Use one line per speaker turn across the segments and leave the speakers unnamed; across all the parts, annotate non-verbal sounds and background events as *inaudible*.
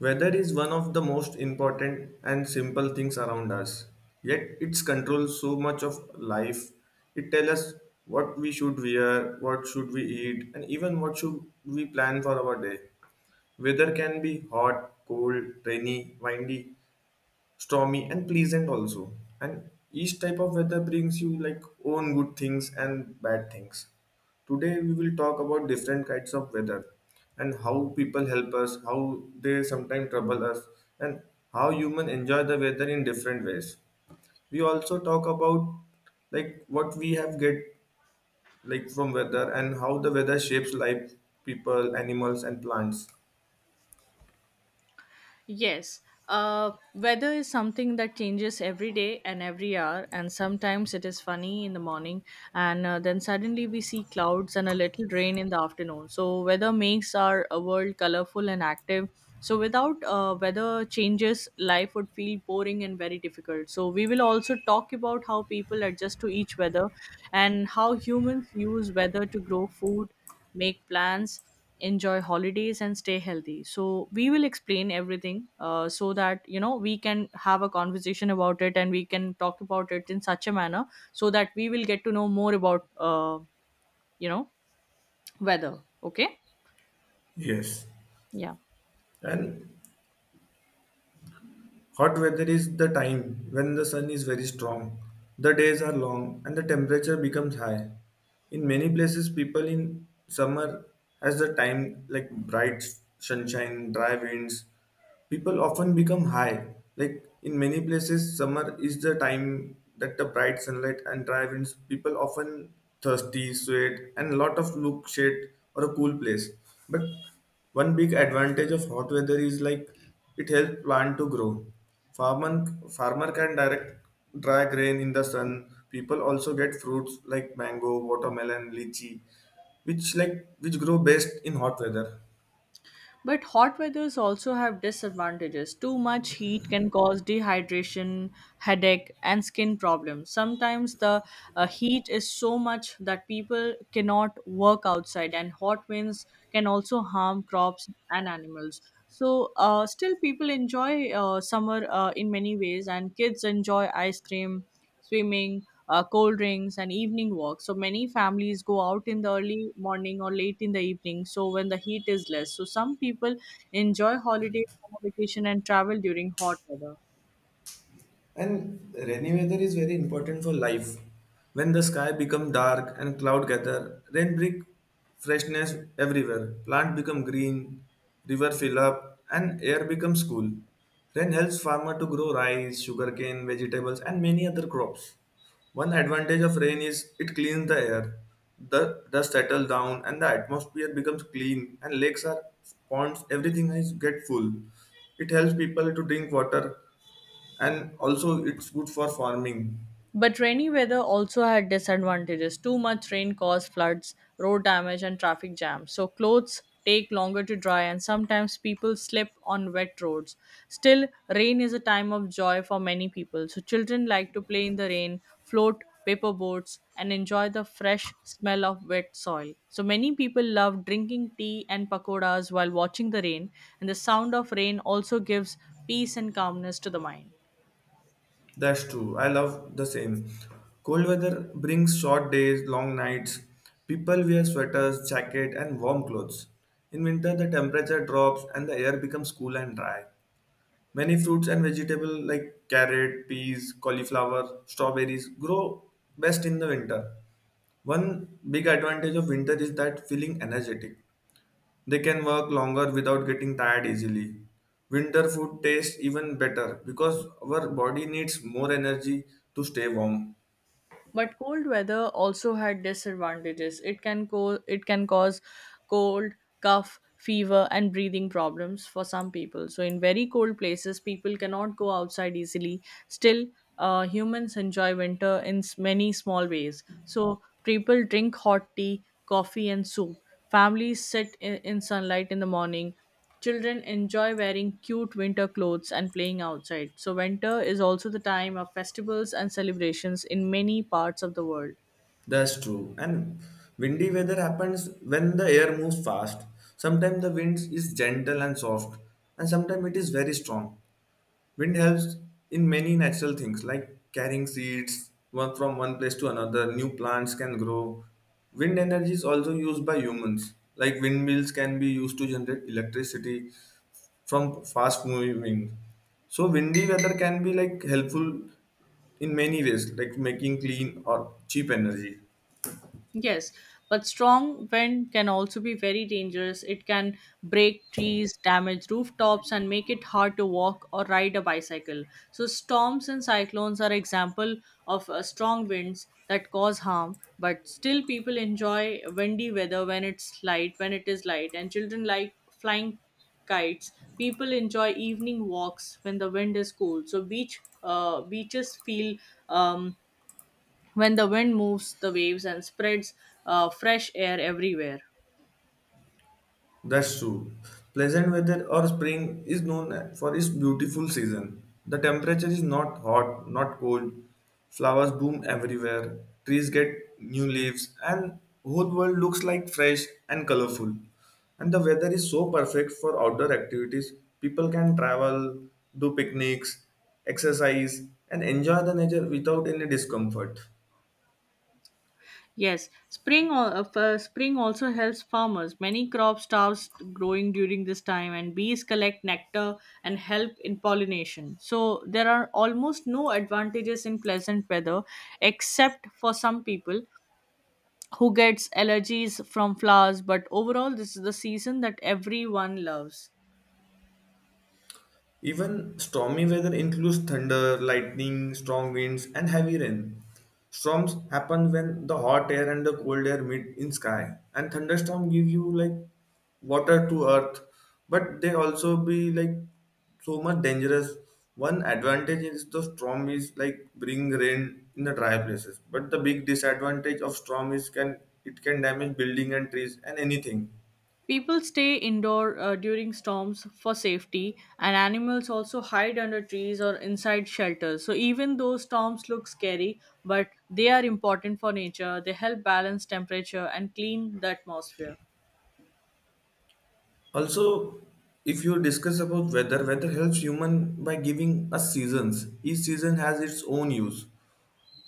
Weather is one of the most important and simple things around us, yet it controls so much of life. It tells us what we should wear, what should we eat, and even what should we plan for our day. Weather can be hot, cold, rainy, windy, stormy and pleasant also, and each type of weather brings you like own good things and bad things. Today we will talk about different kinds of weather and how people help us, how they sometimes trouble us, and how humans enjoy the weather in different ways. We also talk about like what we have get like from weather and how the weather shapes life, people, animals and plants.
Yes. Weather is something that changes every day and every hour, and sometimes it is funny in the morning, and then suddenly we see clouds and a little rain in the afternoon. So, weather makes our world colorful and active. So, without weather changes, life would feel boring and very difficult. So, we will also talk about how people adjust to each weather and how humans use weather to grow food, make plans, enjoy holidays and stay healthy. So we will explain everything so that we can have a conversation about it, and we can talk about it in such a manner so that we will get to know more about you know weather, okay?
Yes.
Yeah.
and Hot weather is the time when the sun is very strong, the days are long, and the temperature becomes high. In many places, people in summer has the time like bright sunshine, dry winds, people often become high. Like in many places, summer is the time that the bright sunlight and dry winds. People often thirsty, sweat, and a lot of look shade or a cool place. But one big advantage of hot weather is like it helps plant to grow. Farmer can direct dry grain in the sun. People also get fruits like mango, watermelon, lychee, which grow best in hot weather.
But hot weathers also have disadvantages. Too much heat can cause dehydration, headache, and skin problems. Sometimes the heat is so much that people cannot work outside, and hot winds can also harm crops and animals. So, still, people enjoy summer in many ways, and kids enjoy ice cream, swimming, cold drinks, and evening walks. So many families go out in the early morning or late in the evening, so when the heat is less. So some people enjoy holidays, summer vacation, and travel during hot weather.
And rainy weather is very important for life. When the sky become dark and cloud gather, rain bring freshness everywhere. Plant become green, river fill up, and air becomes cool. Rain helps farmer to grow rice, sugarcane, vegetables, and many other crops. One advantage of rain is it cleans the air. The dust settles down and the atmosphere becomes clean, and lakes are ponds, everything is get full. It helps people to drink water, and also it's good for farming.
But rainy weather also had disadvantages. Too much rain caused floods, road damage, and traffic jams. So clothes take longer to dry, and sometimes people slip on wet roads. Still, rain is a time of joy for many people. So children like to play in the rain, float paper boats, and enjoy the fresh smell of wet soil. So many people love drinking tea and pakoras while watching the rain, and the sound of rain also gives peace and calmness to the mind.
That's true, I love the same. Cold weather brings short days, long nights. People wear sweaters, jacket and warm clothes. In winter, the temperature drops and the air becomes cool and dry. Many fruits and vegetables like carrot, peas, cauliflower, strawberries grow best in the winter. One big advantage of winter is that feeling energetic. They can work longer without getting tired easily. Winter food tastes even better because our body needs more energy to stay warm.
But cold weather also had disadvantages. It can cause cold, cough, fever and breathing problems for some people. So in very cold places people cannot go outside easily. Still, humans enjoy winter in many small ways. So people drink hot tea, coffee and soup. Families sit in sunlight in the morning. Children enjoy wearing cute winter clothes and playing outside. So, winter is also the time of festivals and celebrations in many parts of the world.
That's true. And windy weather happens when the air moves fast. Sometimes the wind is gentle and soft, and sometimes it is very strong. Wind helps in many natural things like carrying seeds one from one place to another, new plants can grow. Wind energy is also used by humans, like windmills can be used to generate electricity, from fast moving. So windy weather can be like helpful in many ways, like making clean or cheap energy.
Yes, but strong wind can also be very dangerous. It can break trees, damage rooftops, and make it hard to walk or ride a bicycle. So, storms and cyclones are example of strong winds that cause harm. But still, people enjoy windy weather when it is light, and children like flying kites. People enjoy evening walks when the wind is cool. So, beaches feel um, when the wind moves the waves and spreads fresh air everywhere.
That's true. Pleasant weather or spring is known for its beautiful season. The temperature is not hot, not cold. Flowers bloom everywhere. Trees get new leaves and whole world looks like fresh and colorful. And the weather is so perfect for outdoor activities. People can travel, do picnics, exercise and enjoy the nature without any discomfort.
Yes, spring also helps farmers. Many crops starts growing during this time, and bees collect nectar and help in pollination. So there are almost no advantages in pleasant weather, except for some people who gets allergies from flowers. But overall, this is the season that everyone loves.
Even stormy weather includes thunder, lightning, strong winds, and heavy rain. Storms happen when the hot air and the cold air meet in sky, and thunderstorm give you like water to earth, but they also be like so much dangerous. One advantage is the storm is like bring rain in the dry places, but the big disadvantage of storm is can it can damage building and trees and anything.
People stay indoor during storms for safety, and animals also hide under trees or inside shelters. So, even though storms look scary, but they are important for nature, they help balance temperature and clean the atmosphere.
Also, if you discuss about weather, weather helps human by giving us seasons. Each season has its own use.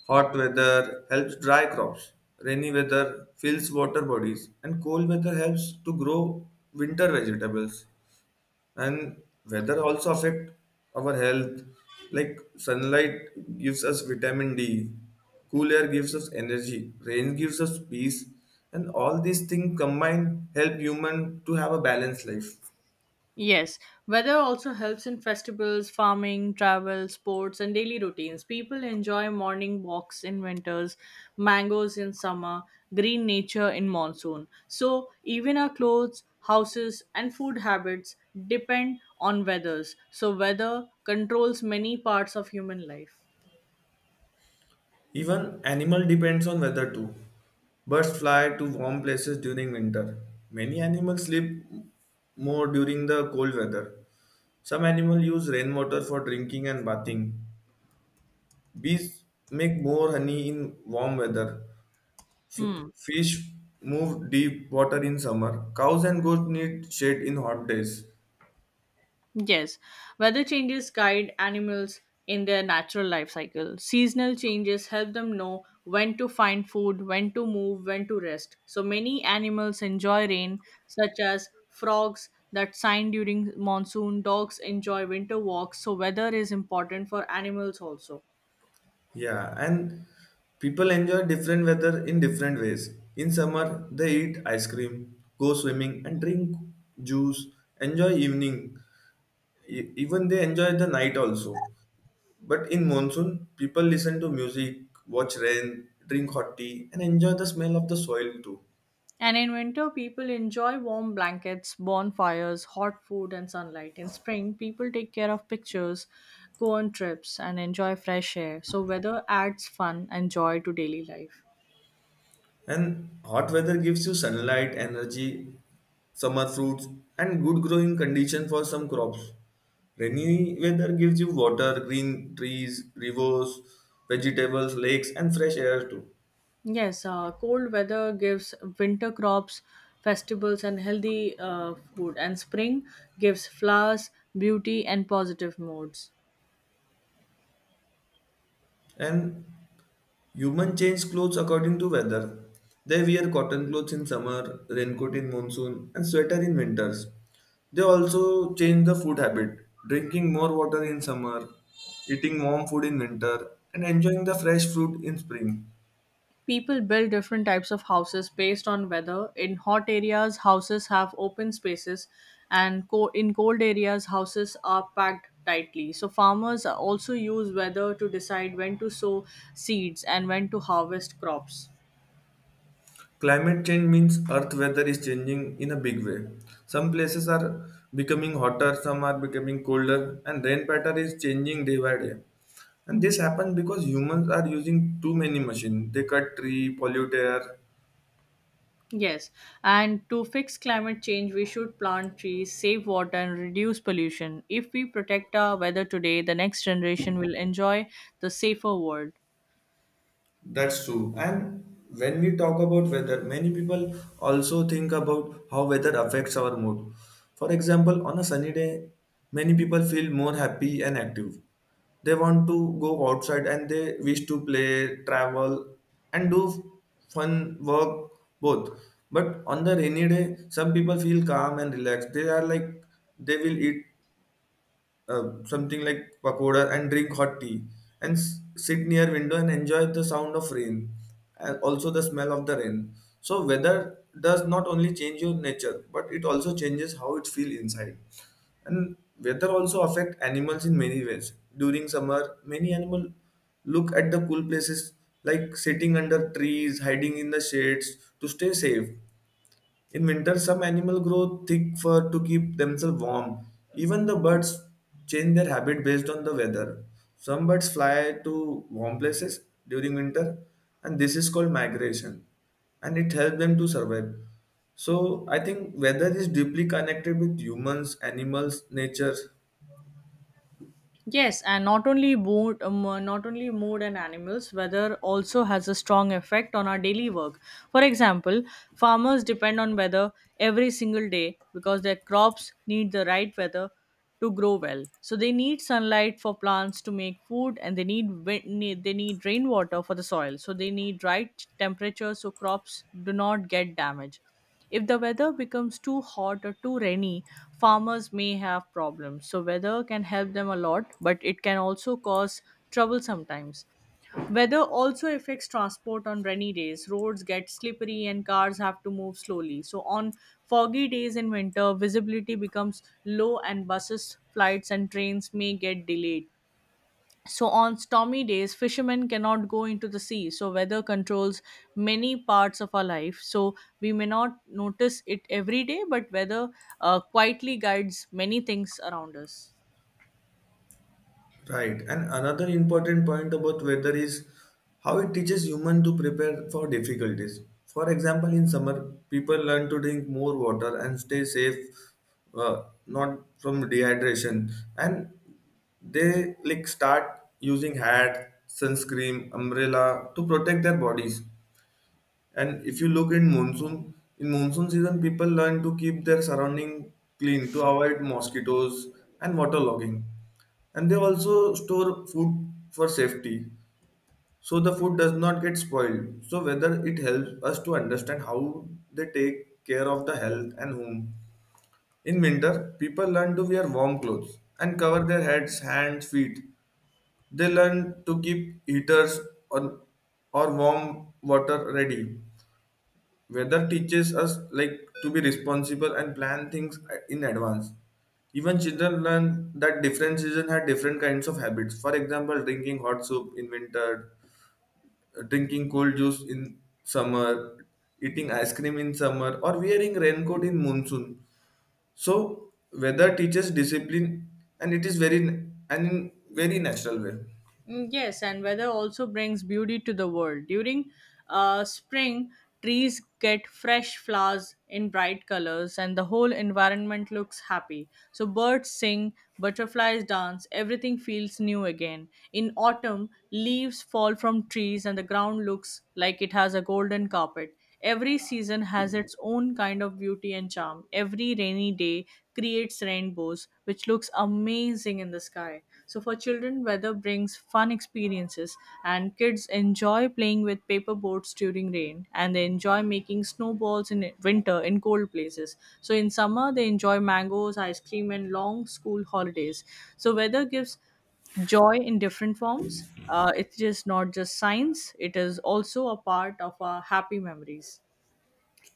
Hot weather helps dry crops. Rainy weather fills water bodies, and cold weather helps to grow winter vegetables. And weather also affect our health. Like sunlight gives us vitamin D, cool air gives us energy, rain gives us peace, and all these things combined help human to have a balanced life.
Yes, weather also helps in festivals, farming, travel, sports, and daily routines. People enjoy morning walks in winters, mangoes in summer, green nature in monsoon. So, even our clothes, houses, and food habits depend on weathers. So, weather controls many parts of human life.
Even animal depends on weather too. Birds fly to warm places during winter. Many animals sleep more during the cold weather. Some animals use rainwater for drinking and bathing. Bees make more honey in warm weather. F-
Hmm.
Fish move deep water in summer. Cows and goats need shade in hot days.
Yes, weather changes guide animals in their natural life cycle. Seasonal changes help them know when to find food, when to move, when to rest. So many animals enjoy rain, such as frogs that sign during monsoon, dogs enjoy winter walks. So, weather is important for animals also.
Yeah, and people enjoy different weather in different ways. In summer, they eat ice cream, go swimming, and drink juice, enjoy evening. Even they enjoy the night also. But in monsoon, people listen to music, watch rain, drink hot tea, and enjoy the smell of the soil too.
And in winter, people enjoy warm blankets, bonfires, hot food, and sunlight. In spring, people take care of pictures, go on trips, and enjoy fresh air. So, weather adds fun and joy to daily life.
And hot weather gives you sunlight, energy, summer fruits, and good growing condition for some crops. Rainy weather gives you water, green trees, rivers, vegetables, lakes, and fresh air too.
Yes, cold weather gives winter crops, festivals, and healthy food, and spring gives flowers, beauty, and positive moods.
And Human change clothes according to weather. They wear cotton clothes in summer, raincoat in monsoon, and sweater in winters. They also change the food habit, drinking more water in summer, eating warm food in winter, and enjoying the fresh fruit in spring.
People build different types of houses based on weather. In hot areas, houses have open spaces, and in cold areas, houses are packed tightly. So, farmers also use weather to decide when to sow seeds and when to harvest crops.
Climate change means earth weather is changing in a big way. Some places are becoming hotter, some are becoming colder, and rain pattern is changing day by day. And this happens because humans are using too many machines. They cut tree, pollute air.
Yes, and to fix climate change, we should plant trees, save water, and reduce pollution. If we protect our weather today, the next generation will enjoy the safer world.
That's true. And when we talk about weather, many people also think about how weather affects our mood. For example, on a sunny day, many people feel more happy and active. They want to go outside and they wish to play, travel, and do fun work both. But on the rainy day, some people feel calm and relaxed. They are like they will eat something like pakoda and drink hot tea, and sit near window and enjoy the sound of rain and also the smell of the rain. So weather does not only change your nature, but it also changes how it feel inside. And weather also affect animals in many ways. During summer, many animal look at the cool places, like sitting under trees, hiding in the shades to stay safe. In winter, some animals grow thick fur to keep themselves warm. Even the birds change their habit based on the weather. Some birds fly to warm places during winter, and this is called migration, and it helps them to survive. So, I think weather is deeply connected with humans, animals, nature.
Yes, and not only mood, not only mood and animals, weather also has a strong effect on our daily work. For example, farmers depend on weather every single day because their crops need the right weather to grow well. So they need sunlight for plants to make food, and they need rainwater for the soil. So they need right temperature so crops do not get damaged. If the weather becomes too hot or too rainy, farmers may have problems. So, weather can help them a lot, but it can also cause trouble sometimes. Weather also affects transport on rainy days. Roads get slippery and cars have to move slowly. So, on foggy days in winter, visibility becomes low and buses, flights, and trains may get delayed. So, on stormy days, fishermen cannot go into the sea. So, weather controls many parts of our life. So, we may not notice it every day, but weather quietly guides many things around us.
Right. And another important point about weather is how it teaches human to prepare for difficulties. For example, in summer, people learn to drink more water and stay safe, not from dehydration. And they like start using hat, sunscreen, umbrella to protect their bodies. And if you look in monsoon season, people learn to keep their surrounding clean to avoid mosquitoes and waterlogging, and they also store food for safety, so the food does not get spoiled. So whether it helps us to understand how they take care of the health and home. In winter, people learn to wear warm clothes and cover their heads, hands, feet. They learn to keep heaters, or, or warm water ready. Weather teaches us like to be responsible and plan things in advance. Even children learn that different seasons have different kinds of habits. For example, drinking hot soup in winter, drinking cold juice in summer, eating ice cream in summer, or wearing raincoat in monsoon. So weather teaches discipline, and it is very and in very natural way.
Mm, yes, and weather also brings beauty to the world. During spring, trees get fresh flowers in bright colors, and the whole environment looks happy. So, birds sing, butterflies dance, everything feels new again. In autumn, leaves fall from trees, and the ground looks like it has a golden carpet. Every season has its own kind of beauty and charm. Every rainy day creates rainbows, which looks amazing in the sky. So, for children, weather brings fun experiences, and kids enjoy playing with paper boats during rain, and they enjoy making snowballs in winter in cold places. So, in summer, they enjoy mangoes, ice cream, and long school holidays. So, weather gives joy in different forms. It is not just science, it is also a part of our happy memories.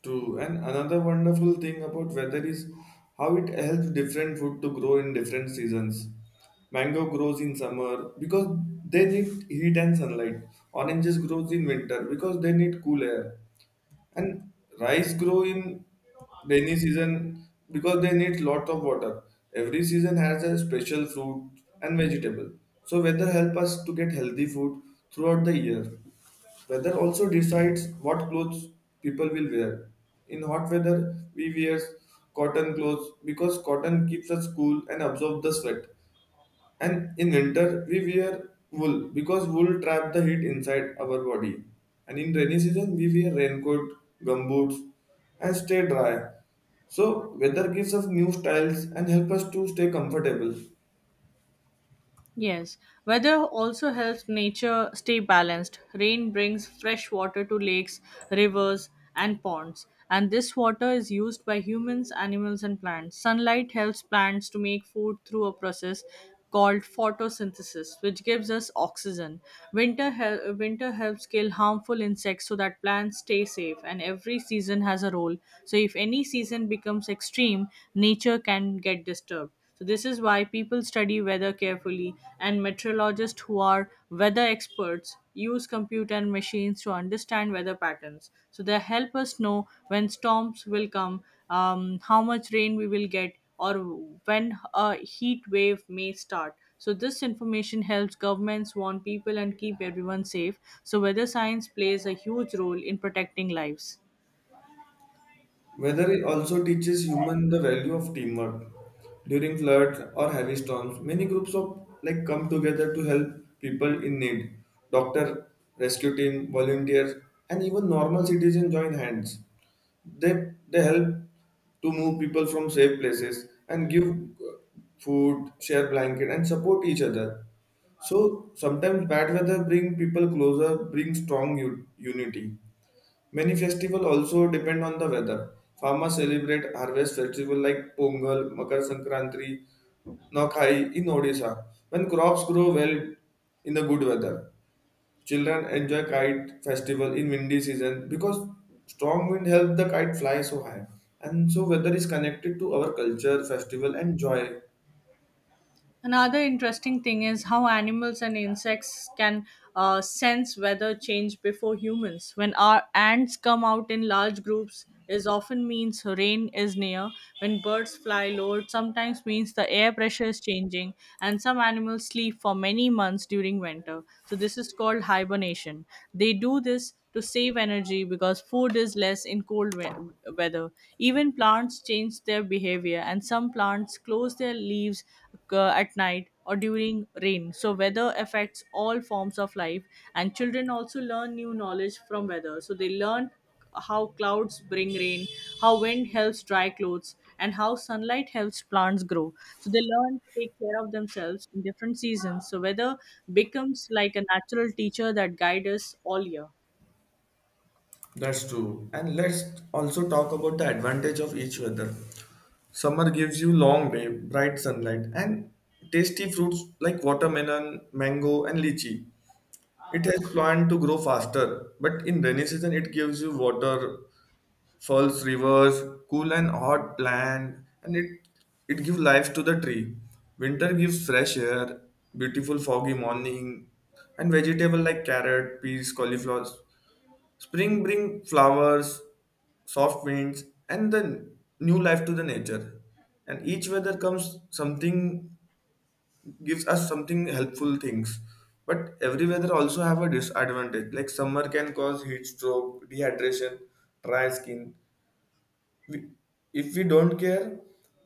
True. And another wonderful thing about weather is how it helps different food to grow in different seasons. Mango grows in summer because they need heat and sunlight. Oranges grows in winter because they need cool air, and rice grow in rainy season because they need lot of water. Every season has a special fruit and vegetable. So weather help us to get healthy food throughout the year. Weather also decides what clothes people will wear. In hot weather we wear cotton clothes because cotton keeps us cool and absorb the sweat. And in winter, we wear wool because wool trap the heat inside our body. And in rainy season, we wear raincoat, gumboots, and stay dry. So weather gives us new styles and help us to stay comfortable.
Yes, weather also helps nature stay balanced. Rain brings fresh water to lakes, rivers, and ponds, and this water is used by humans, animals, and plants. Sunlight helps plants to make food through a process called photosynthesis, which gives us oxygen. Winter helps kill harmful insects so that plants stay safe, and every season has a role. So, if any season becomes extreme, nature can get disturbed. So this is why people study weather carefully and meteorologists who are weather experts use computer and machines to understand weather patterns. So they help us know when storms will come, how much rain we will get, or when a heat wave may start. So this information helps governments warn people and keep everyone safe. So weather science plays a huge role in protecting lives.
Weather it also teaches human the value of teamwork. During floods or heavy storms, many groups of like come together to help people in need. Doctor, rescue team, volunteers, and even normal citizens join hands. they they help to move people from safe places and give food, share blanket and support each other. So sometimes bad weather bring people closer, bring strong unity. Many festivals also depend on the weather. Farmers celebrate harvest festival like Pongal, Makar Sankranti, Nokai in Odisha when crops grow well in the good weather. Children enjoy kite festival in windy season because strong wind help the kite fly so high. And so weather is connected to our culture, festival, and joy.
Another interesting thing is how animals and insects can sense weather change before humans. When our ants come out in large groups, is often means rain is near. When birds fly low, it sometimes means the air pressure is changing. And some animals sleep for many months during winter. So this is called hibernation. They do this to save energy because food is less in weather. Even plants change their behavior, and some plants close their leaves at night or during rain. So, weather affects all forms of life, and children also learn new knowledge from weather. So, they learn how clouds bring rain, how wind helps dry clothes, and how sunlight helps plants grow. So they learn to take care of themselves in different seasons. So weather becomes like a natural teacher that guides us all year.
That's true. And let's also talk about the advantage of each weather. Summer gives you long day, bright sunlight, and tasty fruits like watermelon, mango, and lychee. It has plant to grow faster, but in rainy season it gives you water, falls rivers, cool and hot land, and it gives life to the tree. Winter gives fresh air, beautiful foggy morning, and vegetable like carrot, peas, cauliflower. Spring bring flowers, soft winds, and the new life to the nature. And each weather comes something gives us something helpful things. But every weather also have a disadvantage. Like summer can cause heat stroke, dehydration, dry skin, we, if we don't care,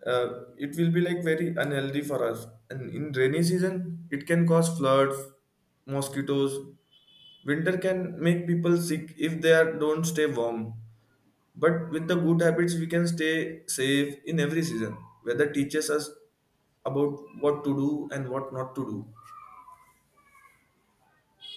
it will be like very unhealthy for us. And in rainy season it can cause floods, mosquitoes. Winter can make people sick if they are, don't stay warm, but with the good habits we can stay safe in every season. Weather teaches us about what to do and what not to do.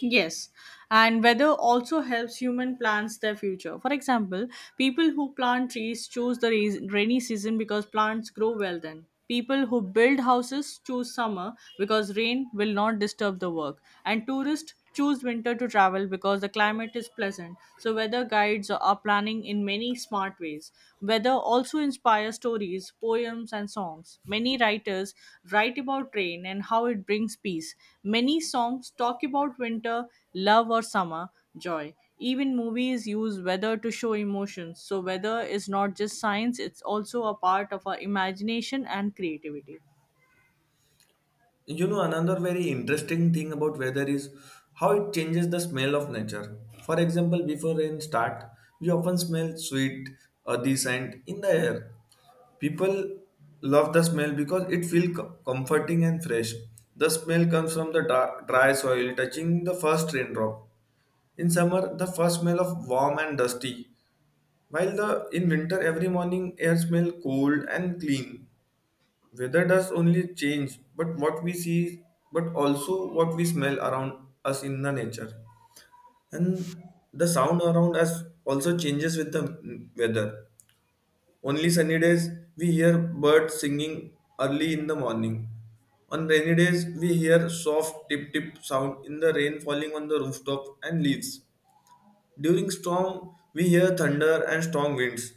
Yes, and weather also helps human plans their future. For example, people who plant trees choose the rainy season because plants grow well then. People who build houses choose summer because rain will not disturb the work. And tourists choose winter to travel because the climate is pleasant. So, weather guides are planning in many many smart ways. Weather also inspires stories, poems, and songs. Many writers write about rain and how it brings peace. Many songs talk about winter, love, or summer, joy. Even movies use weather to show emotions. So, weather is not just science, it's also a part of our imagination and creativity.
You know, another very interesting thing about weather is how it changes the smell of nature. For example, before rain start, we often smell sweet, earthy scent in the air. People love the smell because it feels comforting and fresh. The smell comes from the dry soil touching the first raindrop. In summer, the first smell of warm and dusty, while the in winter every morning air smell cold and clean. Weather does only change, but what we see, but also what we smell around us in the nature. And the sound around us also changes with the weather. Only sunny days, we hear birds singing early in the morning. On rainy days, we hear soft tip tip sound in the rain falling on the rooftop and leaves. During storm, we hear thunder and strong winds.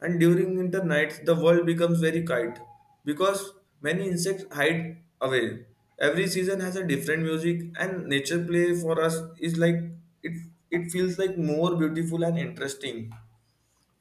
And during winter nights, the world becomes very quiet because many insects hide away. Every season has a different music, and nature play for us is like it. It feels like more beautiful and interesting.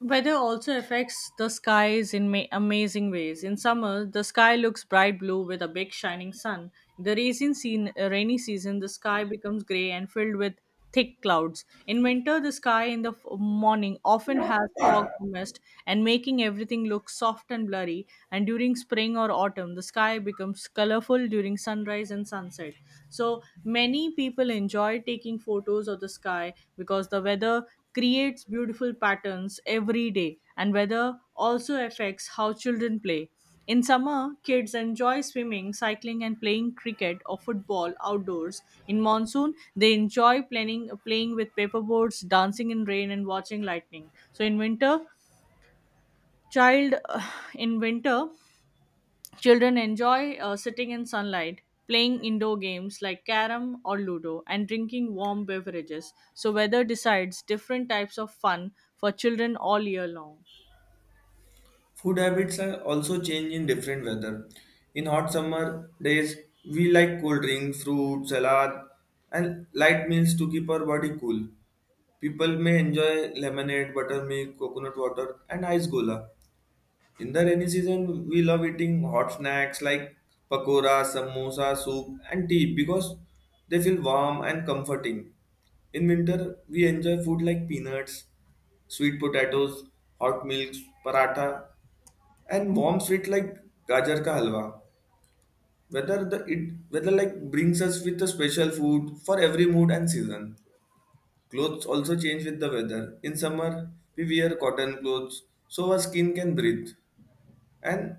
Weather also affects the skies in amazing ways. In summer, the sky looks bright blue with a big shining sun. In the rainy season, the sky becomes grey and filled with thick clouds. In winter, the sky in the morning often has fog or mist and making everything look soft and blurry. And during spring or autumn, the sky becomes colorful during sunrise and sunset. So many people enjoy taking photos of the sky because the weather creates beautiful patterns every day, and weather also affects how children play. In summer, kids enjoy swimming, cycling, and playing cricket or football outdoors. In monsoon, they enjoy playing with paperboards, dancing in rain, and watching lightning. So in winter, child *sighs* in winter Children enjoy sitting in sunlight, playing indoor games like carom or ludo, and drinking warm beverages. So, weather decides different types of fun for children all year long.
Food habits are also change in different weather. In hot summer days, we like cold drinks, fruit, salad, and light meals to keep our body cool. People may enjoy lemonade, buttermilk, coconut water, and ice gola. In the rainy season, we love eating hot snacks like pakora, samosa, soup, and tea because they feel warm and comforting. In winter, we enjoy food like peanuts, sweet potatoes, hot milks, paratha, and warm sweet like gajar ka halwa. Whether the it whether like brings us with a special food for every mood and season. Clothes also change with the weather. In summer, we wear cotton clothes so our skin can breathe. And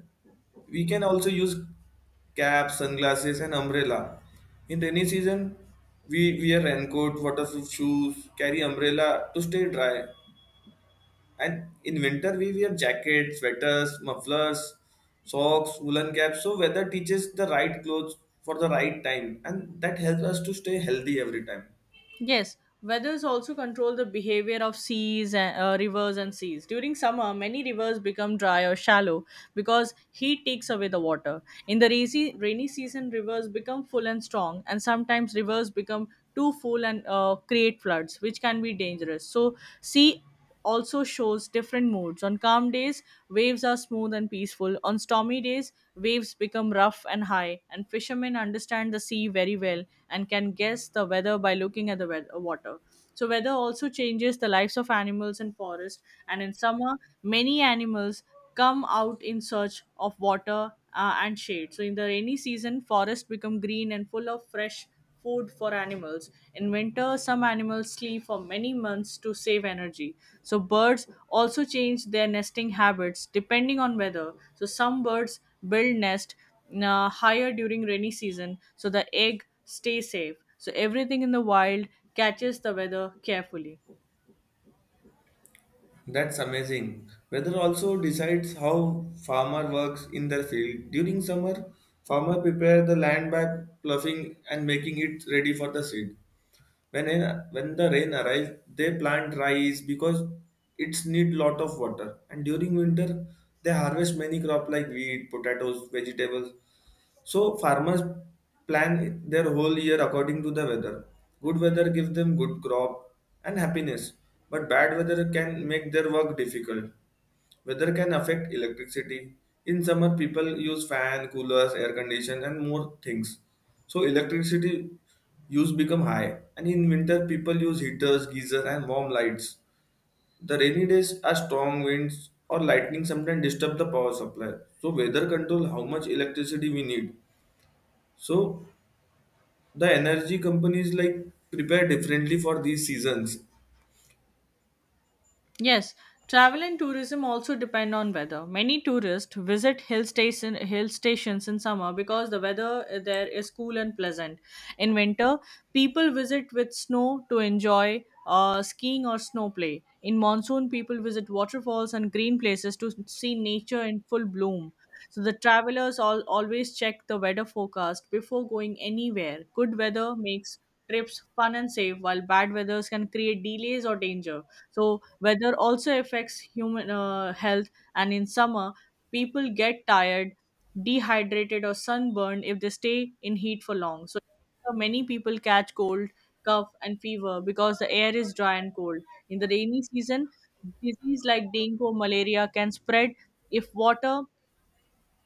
we can also use caps, sunglasses, and umbrella. In rainy season, we wear raincoat, waterproof shoes, carry umbrella to stay dry. And in winter, we wear jackets, sweaters, mufflers, socks, woolen caps. So weather teaches the right clothes for the right time, and that helps us to stay healthy every time.
Yes, weathers also control the behavior of seas and rivers and seas. During summer, many rivers become dry or shallow because heat takes away the water. In the rainy season, rivers become full and strong, and sometimes rivers become too full and create floods, which can be dangerous. So, sea also shows different moods. On calm days, waves are smooth and peaceful. On stormy days, waves become rough and high. And fishermen understand the sea very well and can guess the weather by looking at the water. So, weather also changes the lives of animals in forest. And in summer, many animals come out in search of water and shade. So, in the rainy season, forests become green and full of fresh food for animals. In winter, some animals sleep for many months to save energy. So, birds also change their nesting habits depending on weather. So, some birds build nest higher during rainy season so the egg stay safe. So, everything in the wild catches the weather carefully.
That's amazing. Weather also decides how farmer works in their field. During summer, farmer prepare the land by ploughing and making it ready for the seed. When the rain arrives, they plant rice because it's need lot of water. And during winter, they harvest many crop like wheat, potatoes, vegetables, so farmers plan their whole year according to the weather. Good weather gives them good crop and happiness, but bad weather can make their work difficult. Weather can affect electricity. In summer, people use fan, coolers, air condition, and more things. So electricity use become high, and in winter, people use heaters, geyser, and warm lights. The rainy days are strong winds or lightning sometimes disturb the power supply. So weather control how much electricity we need. So the energy companies like prepare differently for these seasons.
Yes, travel and tourism also depend on weather. Many tourists visit hill stations in summer because the weather there is cool and pleasant. In winter, people visit with snow to enjoy skiing or snow play. In monsoon, people visit waterfalls and green places to see nature in full bloom. So the travelers all always check the weather forecast before going anywhere. Good weather makes trips fun and safe, while bad weathers can create delays or danger. So weather also affects human health, and in summer, people get tired, dehydrated, or sunburned if they stay in heat for long. So many people catch cold, cough, and fever because the air is dry and cold. In the rainy season, disease like dengue or malaria can spread if water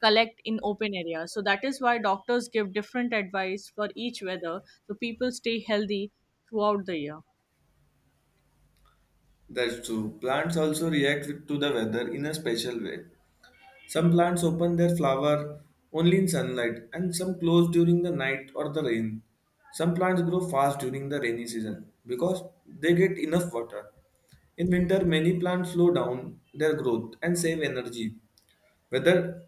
collect in open areas. So that is why doctors give different advice for each weather, so people stay healthy throughout the year.
That's true. Plants also to the weather in a special way. Some plants open their flower only in sunlight, and some close during the night or the rain. Some plants grow fast during the rainy season because they get enough water. In winter, many plants slow down their growth and save energy. Weather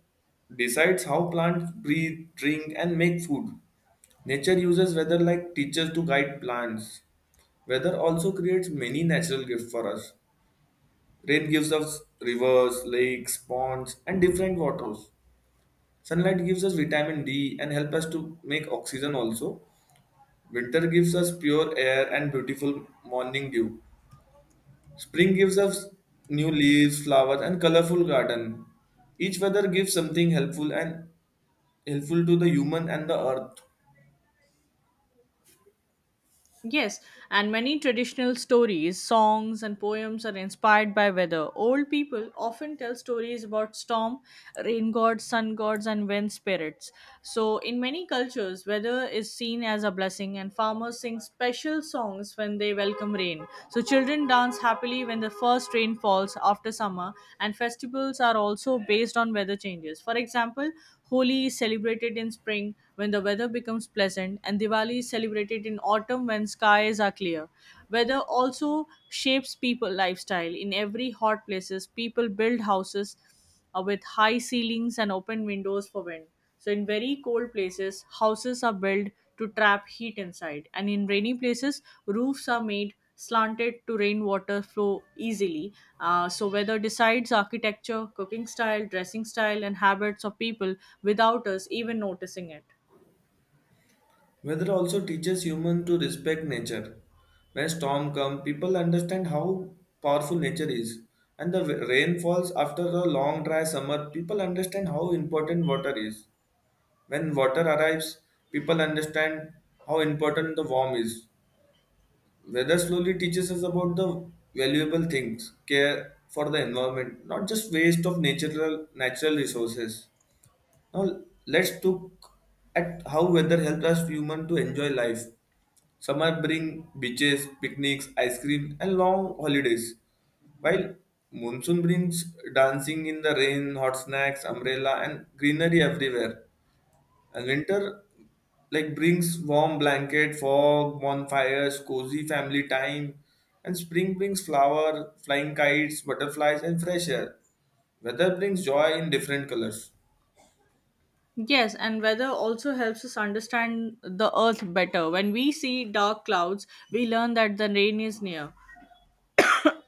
decides how plants breathe, drink, and make food. Nature uses weather like teachers to guide plants. Weather also creates many natural gifts for us. Rain gives us rivers, lakes, ponds, and different waters. Sunlight gives us vitamin D and help us to make oxygen also. Winter gives us pure air and beautiful morning dew. Spring gives us new leaves, flowers, and colorful garden. Each weather gives something helpful and helpful to the human and the earth.
Yes, and many traditional stories, songs, and poems are inspired by weather. Old people often tell stories about storm, rain gods, sun gods, and wind spirits. So, in many cultures, weather is seen as a blessing, and farmers sing special songs when they welcome rain. So, children dance happily when the first rain falls after summer, and festivals are also based on weather changes. For example, Holi is celebrated in spring when the weather becomes pleasant, and Diwali is celebrated in autumn when skies are clear. Weather also shapes people lifestyle. In every hot places, people build houses with high ceilings and open windows for wind. So in very cold places, houses are built to trap heat inside, and in rainy places, roofs are made slanted to rainwater flow easily. So, weather decides architecture, cooking style, dressing style, and habits of people without us even noticing it.
Weather also teaches humans to respect nature. When storm come, people understand how powerful nature is. And the rain falls after a long dry summer, people understand how important water is. When water arrives, people understand how important the warm is. Weather slowly teaches us about the valuable things, care for the environment, not just waste of natural resources. Now let's look at how weather helps us human to enjoy life. Summer bring beaches, picnics, ice cream, and long holidays. While monsoon brings dancing in the rain, hot snacks, umbrella, and greenery everywhere. And winter like brings warm blanket, fog, bonfires, cozy family time. And spring brings flower, flying kites, butterflies, and fresh air. Weather brings joy in different colors.
Yes, and weather also helps us understand the earth better. When we see dark clouds, we learn that the rain is near.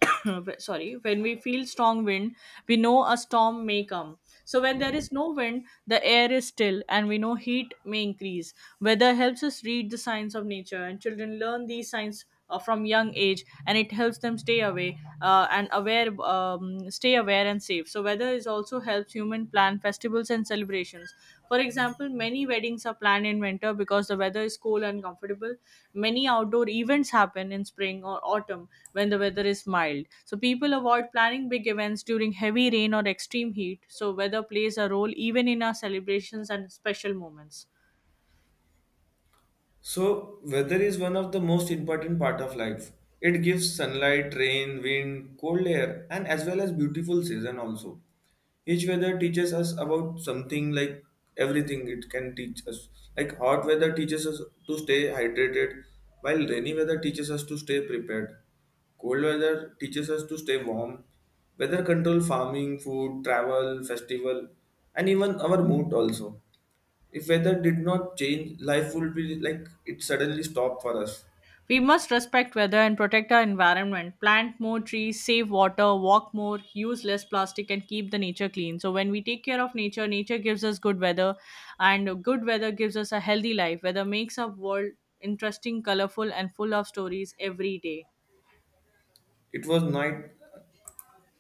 *laughs* *coughs* Sorry, when we feel strong wind, we know a storm may come. So when there is no wind, the air is still, and we know heat may increase. Weather helps us read the signs of nature, and children learn these signs from young age, and it helps them stay away and aware, stay aware and safe. So weather is also helps human plan festivals and celebrations. For example, many weddings are planned in winter because the weather is cool and comfortable. Many outdoor events happen in spring or autumn when the weather is mild. So people avoid planning big events during heavy rain or extreme heat. So weather plays a role even in our celebrations and special moments.
So weather is one of the most important part of life. It gives sunlight, rain, wind, cold air, and as well as beautiful season also. Each weather teaches us about something like everything it can teach us. Like hot weather teaches us to stay hydrated, while rainy weather teaches us to stay prepared. Cold weather teaches us to stay warm. Weather control farming, food, travel, festival, and even our mood also. If weather did not change, life would be like it suddenly stopped for us.
We must respect weather and protect our environment. Plant more trees, save water, walk more, use less plastic, and keep the nature clean. So, when we take care of nature, nature gives us good weather, and good weather gives us a healthy life. Weather makes our world interesting, colorful, and full of stories every day.
It was night